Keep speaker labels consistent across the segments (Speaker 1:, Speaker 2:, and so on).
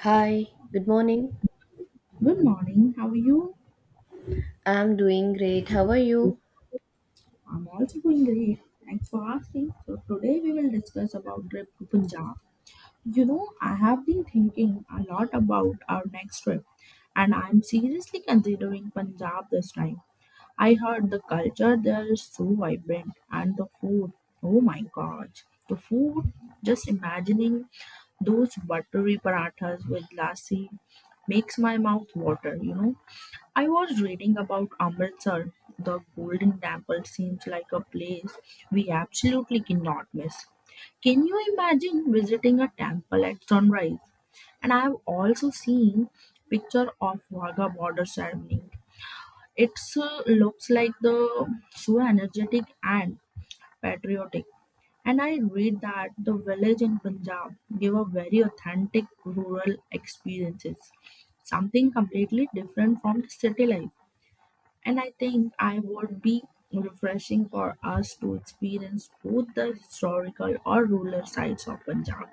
Speaker 1: Hi, good morning.
Speaker 2: Good morning. How are you?
Speaker 1: I'm doing great. How are you?
Speaker 2: I'm also doing great. Thanks for asking. So today we will discuss about trip to Punjab. You know, I have been thinking a lot about our next trip, and I'm seriously considering Punjab this time. I heard the culture there is so vibrant, and the food. Oh my God, the food! Just imagining those buttery parathas with lassi makes my mouth water. You know, I was reading about Amritsar. The Golden Temple seems like a place we absolutely cannot miss. Can you imagine visiting a temple at sunrise? And I have also seen picture of Wagah border ceremony. It looks like the so energetic and patriotic. And I read that the village in Punjab give a very authentic rural experiences, something completely different from the city life. And I think I would be refreshing for us to experience both the historical or rural sides of Punjab.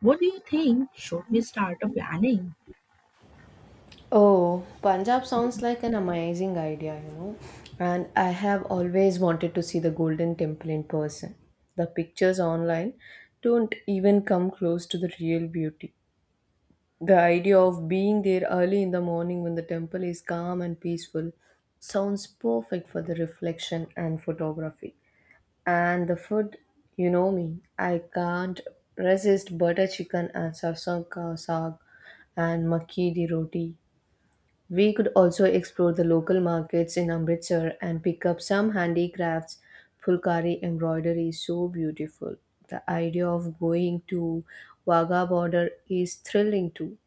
Speaker 2: What do you think? Should we start a planning?
Speaker 1: Oh, Punjab sounds like an amazing idea, you know. And I have always wanted to see the Golden Temple in person. The pictures online don't even come close to the real beauty. The idea of being there early in the morning when the temple is calm and peaceful sounds perfect for the reflection and photography. And the food, you know me, I can't resist butter chicken and sarson ka saag and makki di roti. We could also explore the local markets in Amritsar and pick up some handicrafts. Fulkari embroidery is so beautiful. The idea of going to Wagah border is thrilling too.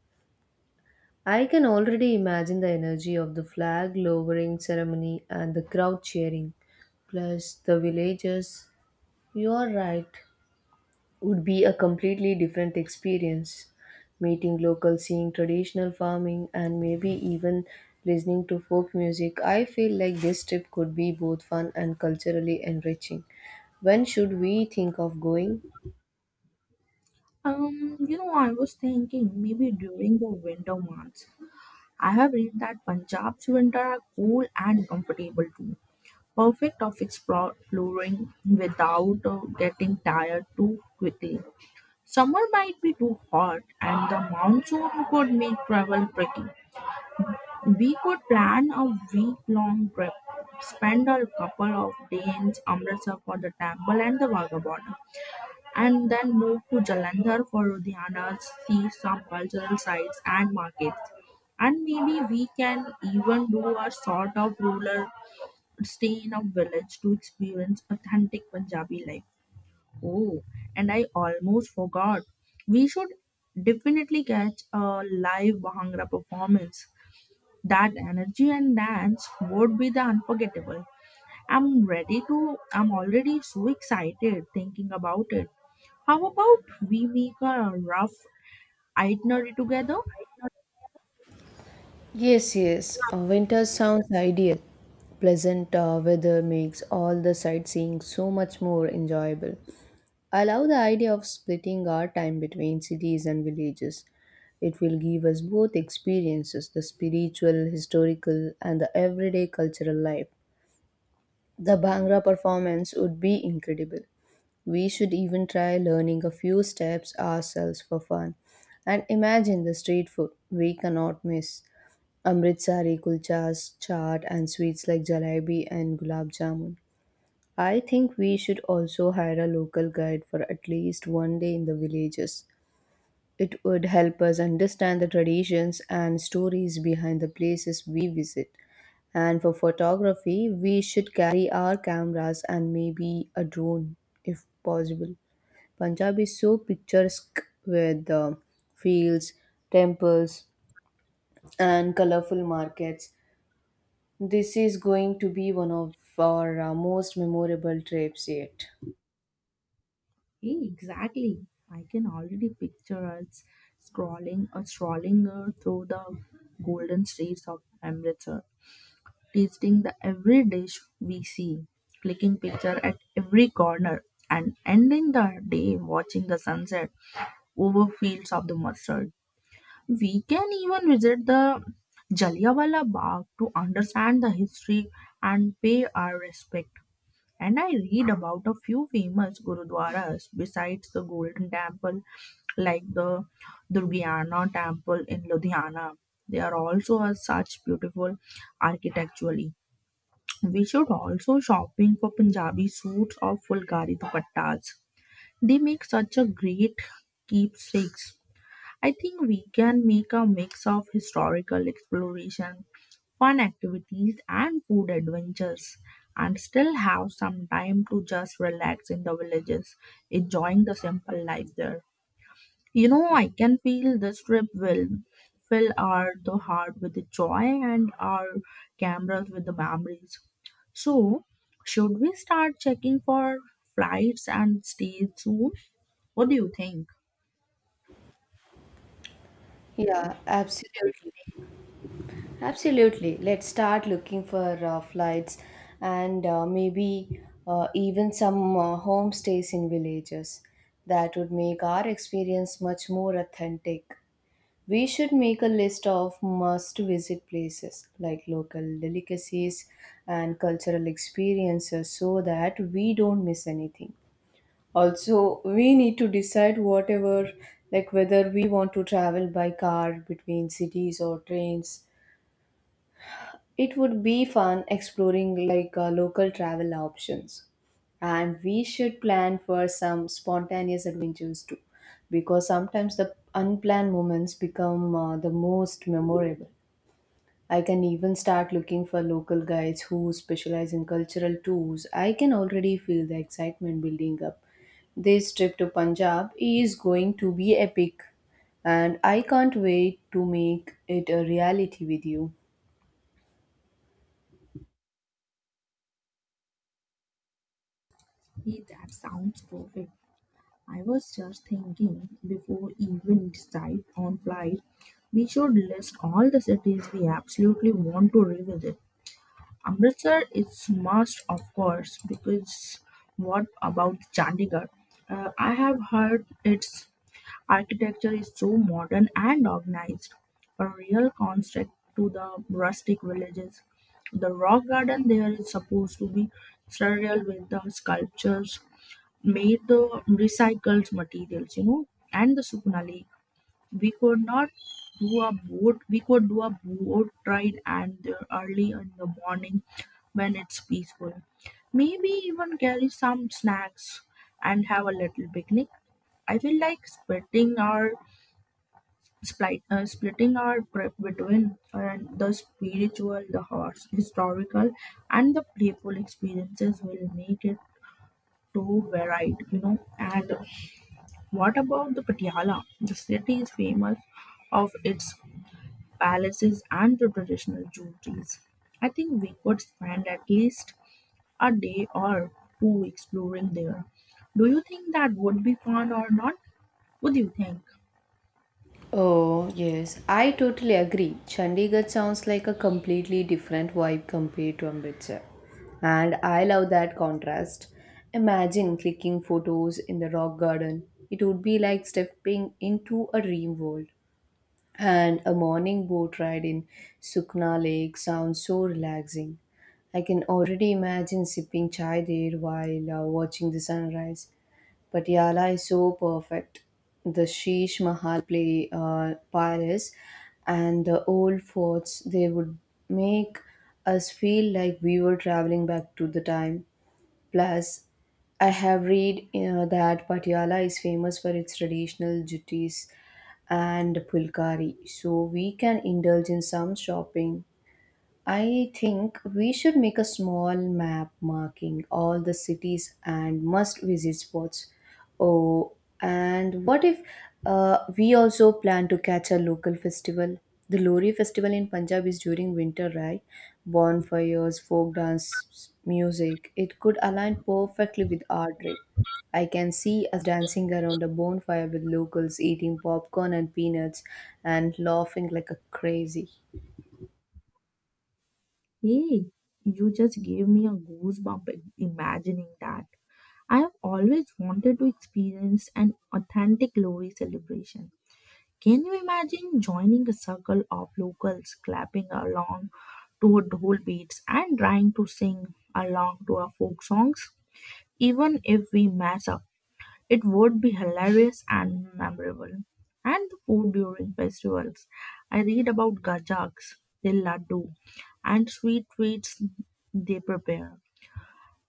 Speaker 1: I can already imagine the energy of the flag lowering ceremony and the crowd cheering plus the villagers. You are right would be a completely different experience. Meeting locals, seeing traditional farming, and maybe even listening to folk music, I feel like this trip could be both fun and culturally enriching. When should we think of going?
Speaker 2: You know, I was thinking maybe during the winter months. I have read that Punjab's winter are cool and comfortable too. Perfect of exploring without getting tired too quickly. Summer might be too hot and the monsoon could make travel tricky. We could plan a week-long trip, spend a couple of days in Amritsar for the temple and the vagabond, and then move to Jalandhar for Ludhiana, see some cultural sites and markets. And maybe we can even do a sort of rural stay in a village to experience authentic Punjabi life. Oh, and I almost forgot. We should definitely catch a live Bhangra performance that energy and dance would be the unforgettable. I'm already so excited thinking about it. How about we make a rough itinerary together?
Speaker 1: Yes, yes, winter sounds ideal. Pleasant weather makes all the sightseeing so much more enjoyable. I love the idea of splitting our time between cities and villages. It will give us both experiences the spiritual, historical, and the everyday cultural life. The Bhangra performance would be incredible. We should even try learning a few steps ourselves for fun. And imagine the street food we cannot miss Amritsari kulchas, chaat, and sweets like jalebi and gulab jamun. I think we should also hire a local guide for at least one day in the villages. It would help us understand the traditions and stories behind the places we visit. And for photography, we should carry our cameras and maybe a drone if possible. Punjab is so picturesque with the fields, temples, and colorful markets. This is going to be one of our most memorable trips yet.
Speaker 2: Hey, exactly. I can already picture us scrolling or strolling through the golden streets of Amritsar, tasting the every dish we see, clicking picture at every corner, and ending the day watching the sunset over fields of the mustard. We can even visit the Jallianwala Bagh to understand the history and pay our respect. And I read about a few famous gurudwaras besides the Golden Temple, like the Durgiana Temple in Ludhiana. They are also are such beautiful architecturally. We should also shopping for Punjabi suits or Fulkari dupattas. They make such a great keepsakes. I think we can make a mix of historical exploration, fun activities, and food adventures, and still have some time to just relax in the villages, enjoying the simple life there. You know, I can feel this trip will fill our the heart with the joy and our cameras with the memories. So, should we start checking for flights and stays soon? What do you think?
Speaker 1: Yeah, absolutely. Absolutely. Let's start looking for flights and maybe even some homestays in villages. That would make our experience much more authentic. We should make a list of must visit places like local delicacies and cultural experiences so that we don't miss anything. Also, we need to decide whatever, like whether we want to travel by car between cities or trains. It would be fun exploring like local travel options. And we should plan for some spontaneous adventures too, because sometimes the unplanned moments become the most memorable. I can even start looking for local guides who specialize in cultural tours. I can already feel the excitement building up. This trip to Punjab is going to be epic, and I can't wait to make it a reality with you.
Speaker 2: Hey, that sounds perfect. I was just thinking before even decide on flight, we should list all the cities we absolutely want to revisit. Amritsar is must, of course, because what about Chandigarh? I have heard its architecture is so modern and organized, a real contrast to the rustic villages. The rock garden there is supposed to be surreal with the sculptures made the recycled materials, you know, and the Sukuna Lake. We could not do a boat, We could do a boat ride and the early in the morning when it's peaceful. Maybe even carry some snacks and have a little picnic. I feel like splitting our trip between the spiritual, historical, and the playful experiences will make it too varied, you know, and what about the Patiala? The city is famous of its palaces and the traditional jewelries. I think we could spend at least a day or two exploring there. Do you think that would be fun or not? What do you think?
Speaker 1: Oh, yes, I totally agree. Chandigarh sounds like a completely different vibe compared to Amritsar. And I love that contrast. Imagine clicking photos in the rock garden. It would be like stepping into a dream world. And a morning boat ride in Sukna Lake sounds so relaxing. I can already imagine sipping chai there while watching the sunrise. Patiala is so perfect. The Sheesh Mahal Palace and the old forts, they would make us feel like we were traveling back to the time. Plus, I have read that Patiala is famous for its traditional juttis and pulkari, so we can indulge in some shopping. I think we should make a small map marking all the cities and must visit spots. Oh, and what if we also plan to catch a local festival? The Lori festival in Punjab is during winter, right? Bonfires, folk dance, music. It could align perfectly with our trip. I can see us dancing around a bonfire with locals eating popcorn and peanuts and laughing like a crazy.
Speaker 2: Hey, you just gave me a goosebump imagining that. I have always wanted to experience an authentic Lori celebration. Can you imagine joining a circle of locals clapping along to dhol beats and trying to sing along to our folk songs? Even if we mess up, it would be hilarious and memorable. And the food during festivals. I read about gajaks, the laddu, and sweet treats they prepare.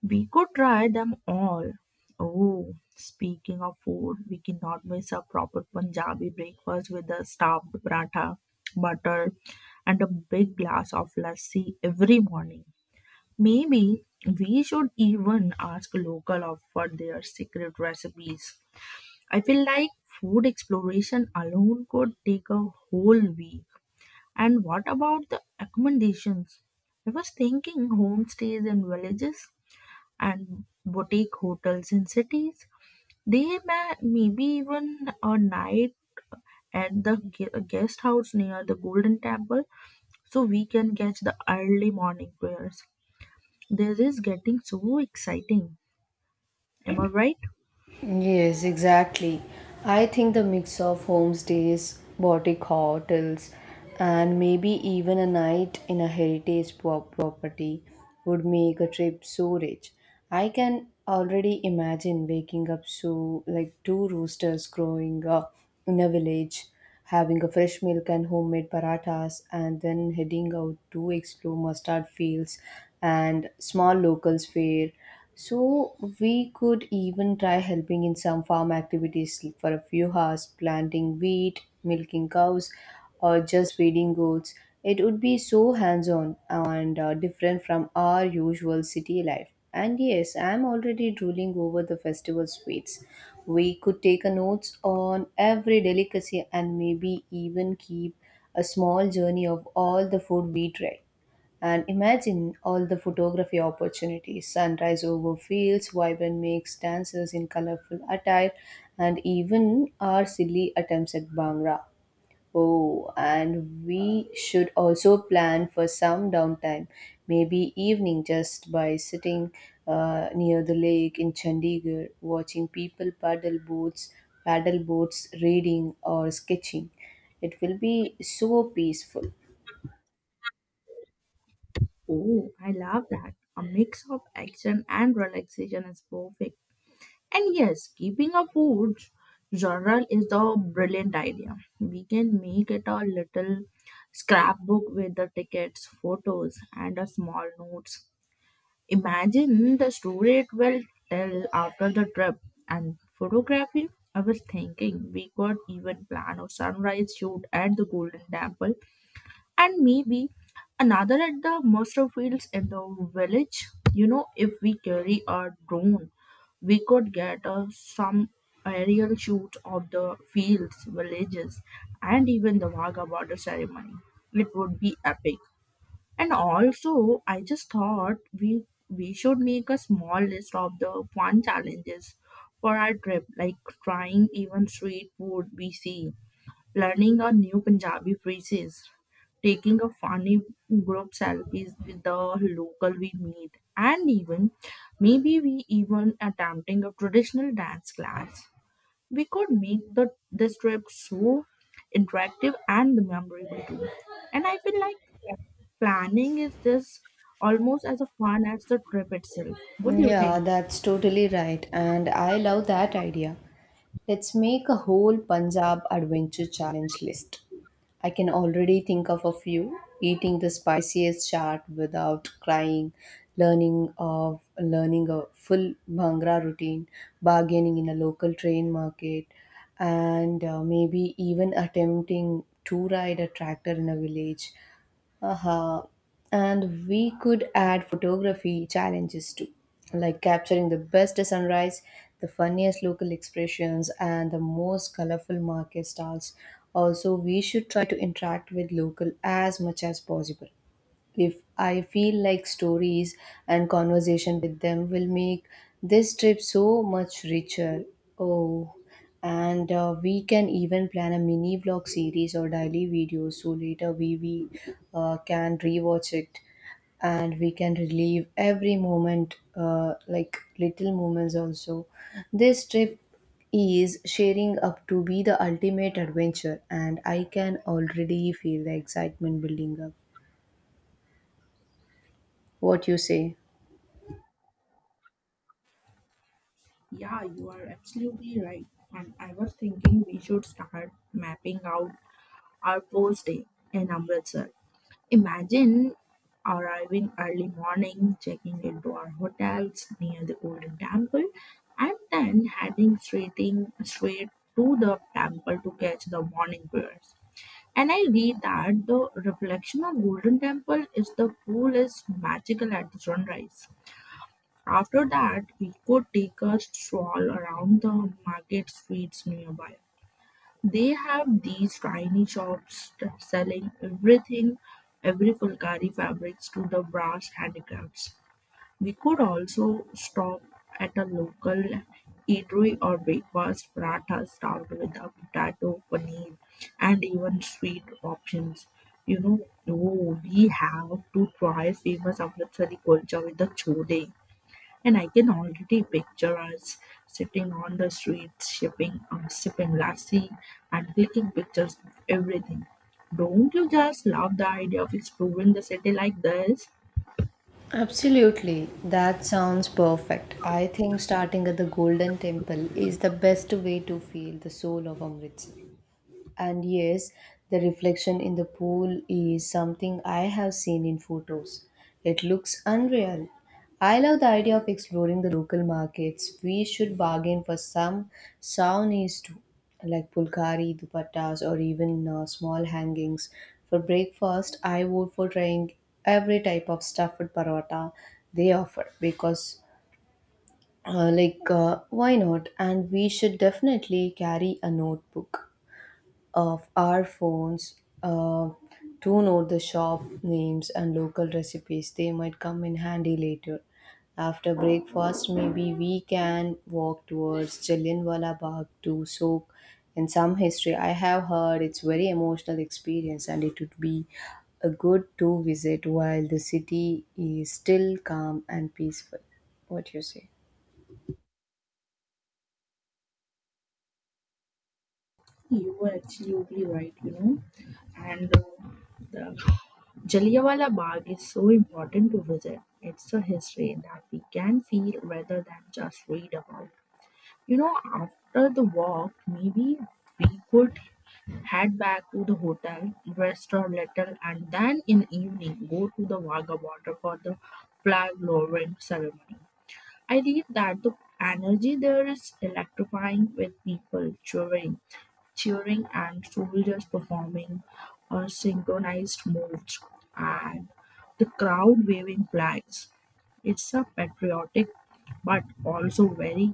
Speaker 2: We could try them all. Oh, speaking of food, we cannot miss a proper Punjabi breakfast with a stuffed paratha, butter, and a big glass of lassi every morning. Maybe we should even ask local of for their secret recipes. I feel like food exploration alone could take a whole week. And what about the accommodations? I was thinking homestays in villages and boutique hotels in cities. They may maybe even a night at the guest house near the Golden Temple, so we can catch the early morning prayers. This is getting so exciting. Am I right?
Speaker 1: Yes, exactly. I think the mix of homestays, boutique hotels, and maybe even a night in a heritage property would make a trip so rich. I can already imagine waking up so like two roosters growing up in a village, having a fresh milk and homemade parathas, and then heading out to explore mustard fields and small locals fair so we could even try helping in some farm activities for a few hours, planting wheat, milking cows, or just feeding goats. It would be so hands on and different from our usual city life. And yes, I'm already drooling over the festival sweets. We could take a notes on every delicacy and maybe even keep a small journey of all the food we try. And imagine all the photography opportunities sunrise over fields, vibrant makes dancers in colorful attire, and even our silly attempts at Bhangra. Oh, and we should also plan for some downtime, maybe evening just by sitting near the lake in Chandigarh, watching people paddle boats, reading or sketching. It will be so peaceful.
Speaker 2: Oh, I love that. A mix of action and relaxation is perfect. And yes, keeping a food journal is a brilliant idea. We can make it a little scrapbook with the tickets, photos, and a small notes. Imagine the story it will tell after the trip and photography. I was thinking we could even plan a sunrise shoot at the Golden Temple and maybe another at the Monster Fields in the village. You know, if we carry our drone we could get some aerial shoot of the fields, villages, and even the Wagah border ceremony. It would be epic. And also, I just thought we should make a small list of the fun challenges for our trip, like trying even street food we see learning a new Punjabi phrases, taking a funny group selfies with the local we meet, and even maybe we even attempting a traditional dance class. We could make the this trip so interactive and memorable too. And I feel like planning is this almost as a fun as the trip itself. What do you
Speaker 1: Yeah,
Speaker 2: think?
Speaker 1: that's totally right. And I love that idea. Let's make a whole Punjab adventure challenge list. I can already think of a few eating the spiciest chaat without crying, learning a full bhangra routine, bargaining in a local train market, and maybe even attempting to ride a tractor in a village. Aha. And we could add photography challenges too, like capturing the best sunrise, the funniest local expressions, and the most colorful market stalls. Also, we should try to interact with local as much as possible if I feel like stories and conversation with them will make this trip so much richer. Oh, and we can even plan a mini vlog series or daily videos so later we can rewatch it and we can relive every moment, like little moments also. This trip is sharing up to be the ultimate adventure and I can already feel the excitement building up. What you say?
Speaker 2: Yeah, you are absolutely right. And I was thinking we should start mapping out or posting in Amritsar. Imagine arriving early morning, checking into our hotels near the Golden Temple, and then heading straight to the temple to catch the morning prayers. And I read that the reflection of Golden Temple is the coolest magical at the sunrise. After that, we could take a stroll around the market streets nearby they have these tiny shops that selling everything every Fulkari fabrics to the brass handicrafts. We could also stop at a local eatery or breakfast paratha start with a potato, paneer and even sweet options. You know, oh, we have to try famous Amritsari kulcha with the chole and I can already picture us sitting on the streets, sipping lassi, and clicking pictures of everything. Don't you just love the idea of exploring the city like this?
Speaker 1: Absolutely, that sounds perfect. I think starting at the Golden Temple is the best way to feel the soul of Amritsar. And yes, the reflection in the pool is something I have seen in photos. It looks unreal. I love the idea of exploring the local markets. We should bargain for some souvenirs too, like pulkari, dupattas, or even small hangings. For breakfast, I vote for trying every type of stuffed paratha they offer because, why not? And we should definitely carry a notebook of our phones uh, to note the shop names and local recipes. They might come in handy later. After breakfast, maybe we can walk towards Jallianwala Bagh to soak in some history. I have heard it's very emotional experience and it would be a good to visit while the city is still calm and peaceful. What do you say?
Speaker 2: You were absolutely right, you know. And the Jallianwala Bagh is so important to visit. It's a history that we can feel rather than just read about. You know, after the walk, maybe we could head back to the hotel, rest a little, and then in evening go to the Vaga Water for the flag lowering ceremony. I read that the energy there is electrifying with people cheering and soldiers performing synchronized moves and the crowd waving flags. It's a patriotic but also very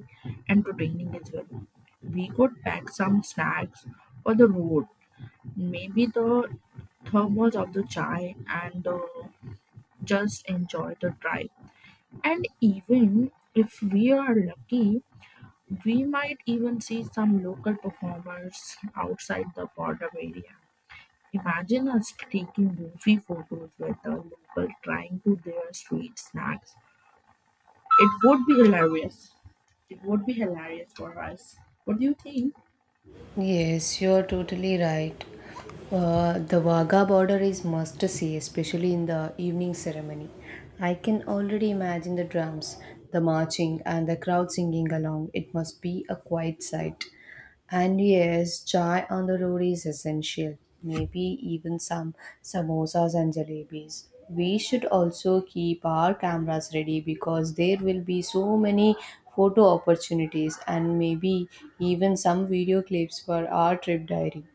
Speaker 2: entertaining as well. We could pack some snacks for the road. Maybe the thermos of the chai and just enjoy the drive. And even if we are lucky, we might even see some local performers outside the border area. Imagine us taking goofy photos with the local trying to their sweet snacks. It would be hilarious. It would be hilarious for us. What do you think?
Speaker 1: Yes, you're totally right. The Wagah border is must see, especially in the evening ceremony. I can already imagine the drums, the marching, and the crowd singing along. It must be a quiet sight. And yes, chai on the road is essential. Maybe even some samosas and jalebis. We should also keep our cameras ready because there will be so many photo opportunities and maybe even some video clips for our trip diary.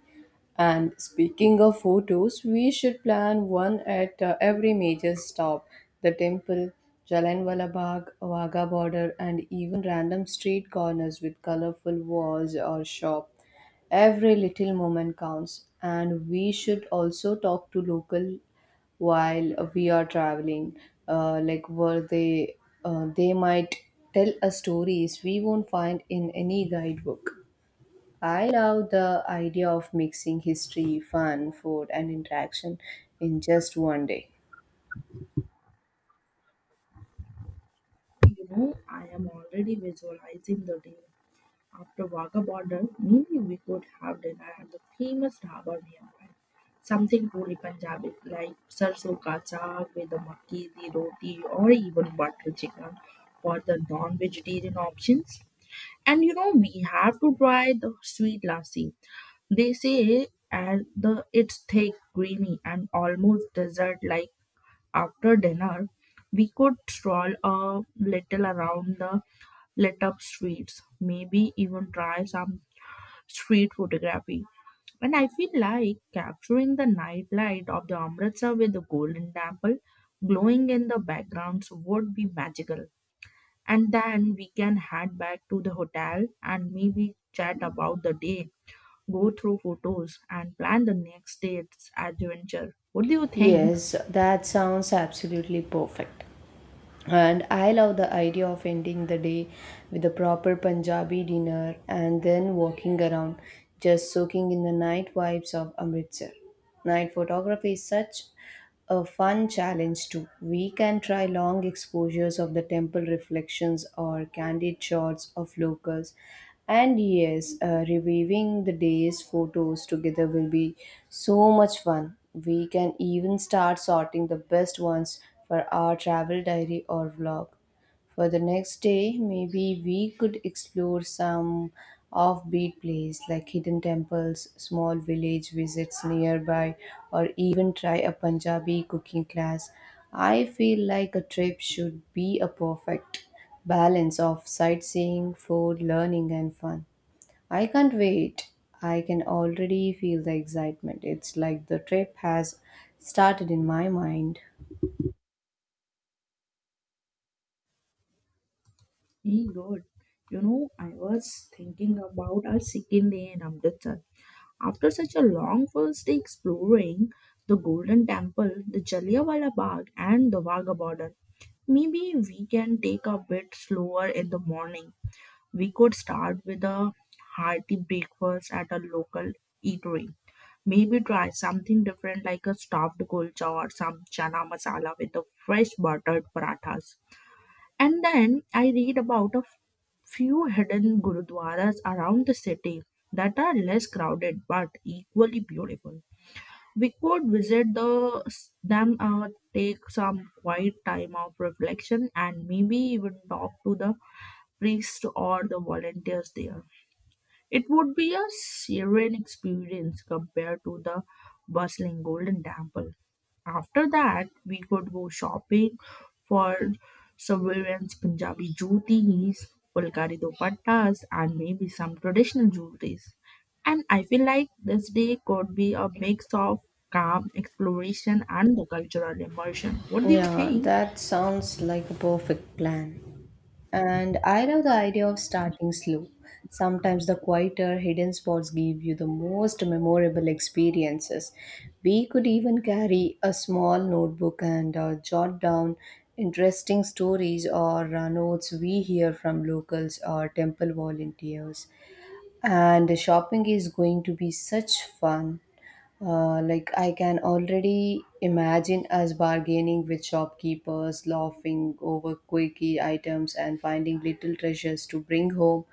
Speaker 1: And speaking of photos, we should plan one at every major stop the temple, Jallianwala Bagh, Wagah border, and even random street corners with colorful walls or shop. Every little moment counts, and we should also talk to local while we are traveling. Uh, like, were they, they might tell us stories we won't find in any guidebook. I love the idea of mixing history, fun, food, and interaction in just one day.
Speaker 2: You know, I am already visualizing the day. After Wagah border maybe we could have dinner at the famous dhaba nearby. Something truly Punjabi, like sarso ka saag with the makki di roti or even butter chicken for the non-vegetarian options. And you know, we have to try the sweet lassi. They say and the it's thick, creamy, and almost dessert-like. After dinner, we could stroll a little around the lit up streets, maybe even try some street photography. And I feel like capturing the night light of the Amritsar with the golden temple glowing in the backgrounds would be magical. And then we can head back to the hotel and maybe chat about the day, go through photos, and plan the next day's adventure. What do you think?
Speaker 1: Yes, that sounds absolutely perfect. And I love the idea of ending the day with a proper Punjabi dinner and then walking around, just soaking in the night vibes of Amritsar. Night photography is such a fun challenge too. We can try long exposures of the temple reflections or candid shots of locals. And yes, reviewing the day's photos together will be so much fun. We can even start sorting the best ones for our travel diary or vlog. For the next day, maybe we could explore some offbeat place like hidden temples, small village visits nearby, or even try a Punjabi cooking class. I feel like a trip should be a perfect balance of sightseeing, food, learning, and fun. I can't wait. I can already feel the excitement. It's like the trip has started in my mind.
Speaker 2: Hey, good. You know, I was thinking about our second day in Amritsar. After such a long first day exploring the Golden Temple, the Jallianwala Bagh, and the Wagah border, maybe we can take a bit slower in the morning. We could start with a hearty breakfast at a local eatery. Maybe try something different like a stuffed kulcha or some chana masala with the fresh buttered parathas. And then I read about few hidden gurudwaras around the city that are less crowded but equally beautiful. We could visit them, take some quiet time of reflection, and maybe even talk to the priest or the volunteers there. It would be a serene experience compared to the bustling Golden Temple. After that, we could go shopping for Surveillance Punjabi jutis, Fulkari dupattas, and maybe some traditional jewelries. And I feel like this day could be a mix of calm exploration and the cultural immersion. What do you
Speaker 1: Yeah,
Speaker 2: think?
Speaker 1: that sounds like a perfect plan. And I love the idea of starting slow. Sometimes the quieter, hidden spots give you the most memorable experiences. We could even carry a small notebook and jot down interesting stories or notes we hear from locals or temple volunteers. And shopping is going to be such fun. Like, I can already imagine us bargaining with shopkeepers, laughing over quirky items, and finding little treasures to bring home.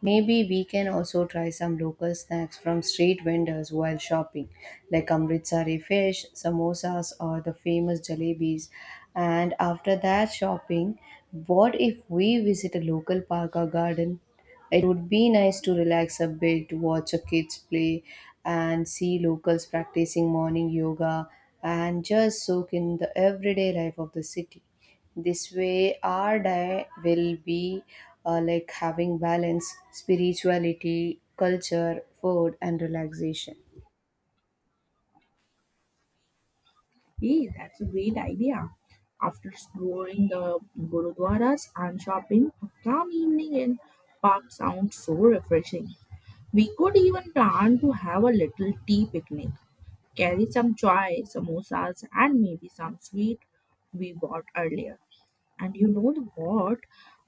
Speaker 1: Maybe we can also try some local snacks from street vendors while shopping, like amritsari fish, samosas, or the famous jalebis. And after that shopping, what if we visit a local park or garden? It would be nice to relax a bit, watch a kids play, and see locals practicing morning yoga and just soak in the everyday life of the city. This way, our day will be like having balance, spirituality, culture, food, and relaxation.
Speaker 2: Hey, that's a great idea. After exploring the gurudwaras and shopping, a calm evening in park sounds so refreshing. We could even plan to have a little tea picnic, carry some chai, samosas, and maybe some sweet we bought earlier. And you know what?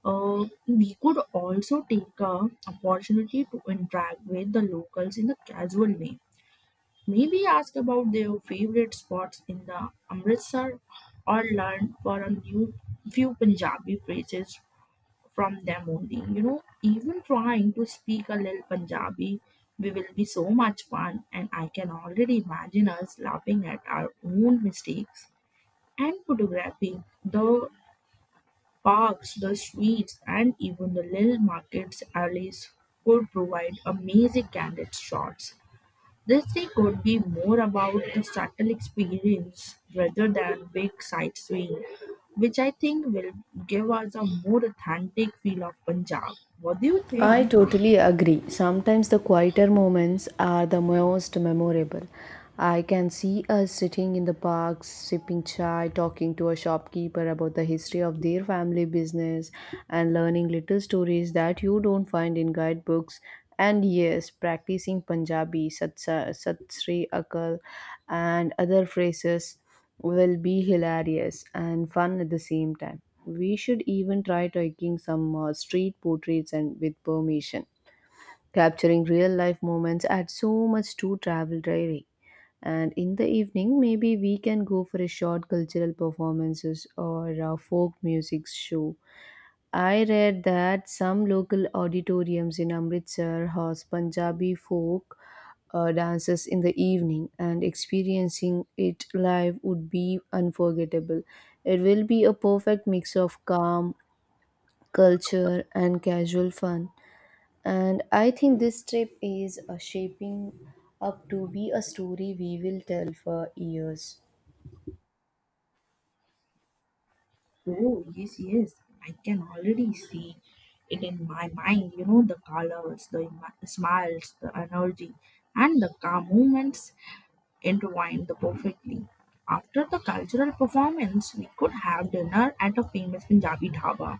Speaker 2: We could also take a opportunity to interact with the locals in a casual way. Maybe ask about their favorite spots in the Amritsar or learn for a new few Punjabi phrases from them only. You know, even trying to speak a little Punjabi, we will be so much fun, and I can already imagine us laughing at our own mistakes. And photography, the parks, the streets, and even the little markets alleys could provide amazing candid shots. This day could be more about the subtle experience rather than big sightseeing, which I think will give us a more authentic feel of Punjab. What do you
Speaker 1: I
Speaker 2: think?
Speaker 1: totally agree. Sometimes the quieter moments are the most memorable. I can see us sitting in the park, sipping chai, talking to a shopkeeper about the history of their family business, and learning little stories that you don't find in guidebooks. And yes, practicing Punjabi, Sat Sri Akal, and other phrases will be hilarious and fun at the same time. We should even try taking some street portraits and with permission. Capturing real life moments adds so much to travel diary. And in the evening, maybe we can go for a short cultural performances or a folk music show. I read that some local auditoriums in Amritsar host Punjabi folk dances in the evening, and experiencing it live would be unforgettable. It will be a perfect mix of calm, culture, and casual fun. And I think this trip is shaping up to be a story we will tell for years.
Speaker 2: Oh, yes, yes. I can already see it in my mind. You know, the colors, smiles, the energy, and the calm moments intertwined perfectly. After the cultural performance, we could have dinner at a famous Punjabi dhaba.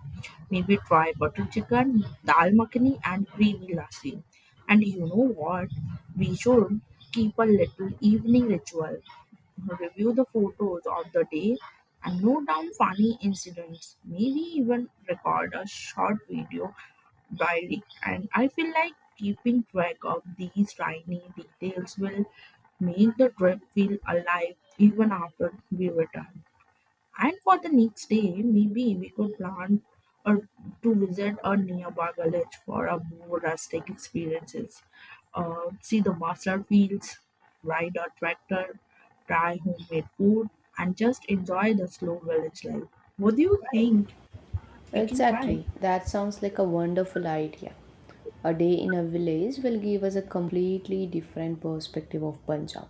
Speaker 2: Maybe try butter chicken, dal makhani, and creamy lassi. And you know what? We should keep a little evening ritual, review the photos of the day, and note down funny incidents. Maybe even record a short video building. And I feel like keeping track of these tiny details will make the trip feel alive even after we return. And for the next day, maybe we could plan or to visit a nearby village for a more rustic experiences. See the master fields, ride a tractor, try homemade food, and just enjoy the slow village life. What do you think we can try?
Speaker 1: Exactly, that sounds like a wonderful idea. A day in a village will give us a completely different perspective of Punjab.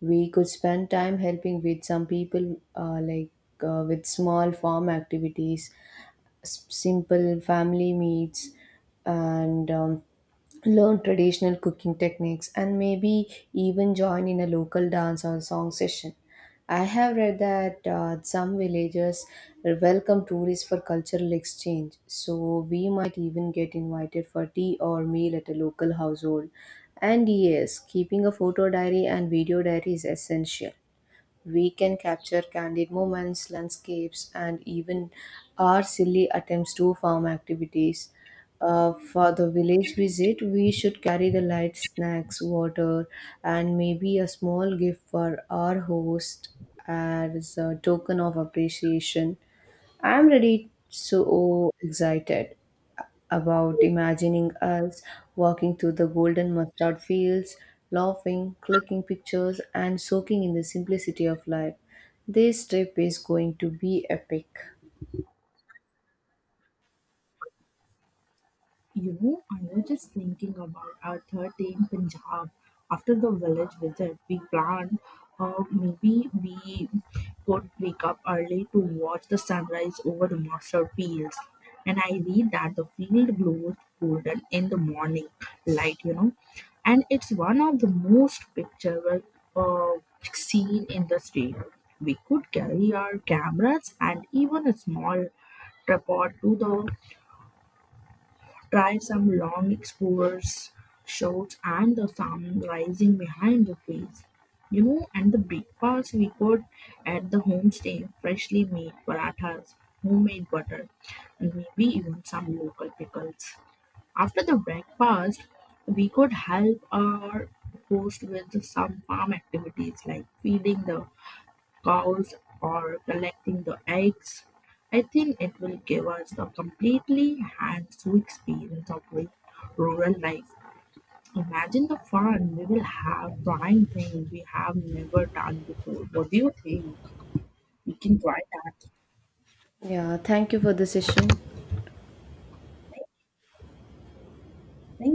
Speaker 1: We could spend time helping with some people, with small farm activities, simple family meals and learn traditional cooking techniques and maybe even join in a local dance or song session. I have read that some villagers welcome tourists for cultural exchange, so we might even get invited for tea or meal at a local household. And yes, keeping a photo diary and video diary is essential. We can capture candid moments, landscapes, and even our silly attempts to farm activities. For the village visit, we should carry the light snacks, water, and maybe a small gift for our host as a token of appreciation. I'm really so excited about imagining us walking through the golden mustard fields, laughing, clicking pictures, and soaking in the simplicity of life. This trip is going to be epic.
Speaker 2: You know, I was just thinking about our third day in Punjab. After the village visit, we planned, maybe we could wake up early to watch the sunrise over the mustard fields. And I read that the field glows golden in the morning light, you know, and it's one of the most picturesque uh, scene in the state. We could carry our cameras and even a small tripod to the. Try some long explorers shorts and the sun rising behind the trees. You know, and the breakfast we got at the homestay, freshly made parathas, homemade butter, and maybe even some local pickles. After the breakfast, we could help our host with some farm activities like feeding the cows or collecting the eggs. I think it will give us a completely hands-on experience of rural life. Imagine the fun we will have trying things we have never done before. What do you think? We can try that.
Speaker 1: Yeah, thank you for the session.
Speaker 2: Thank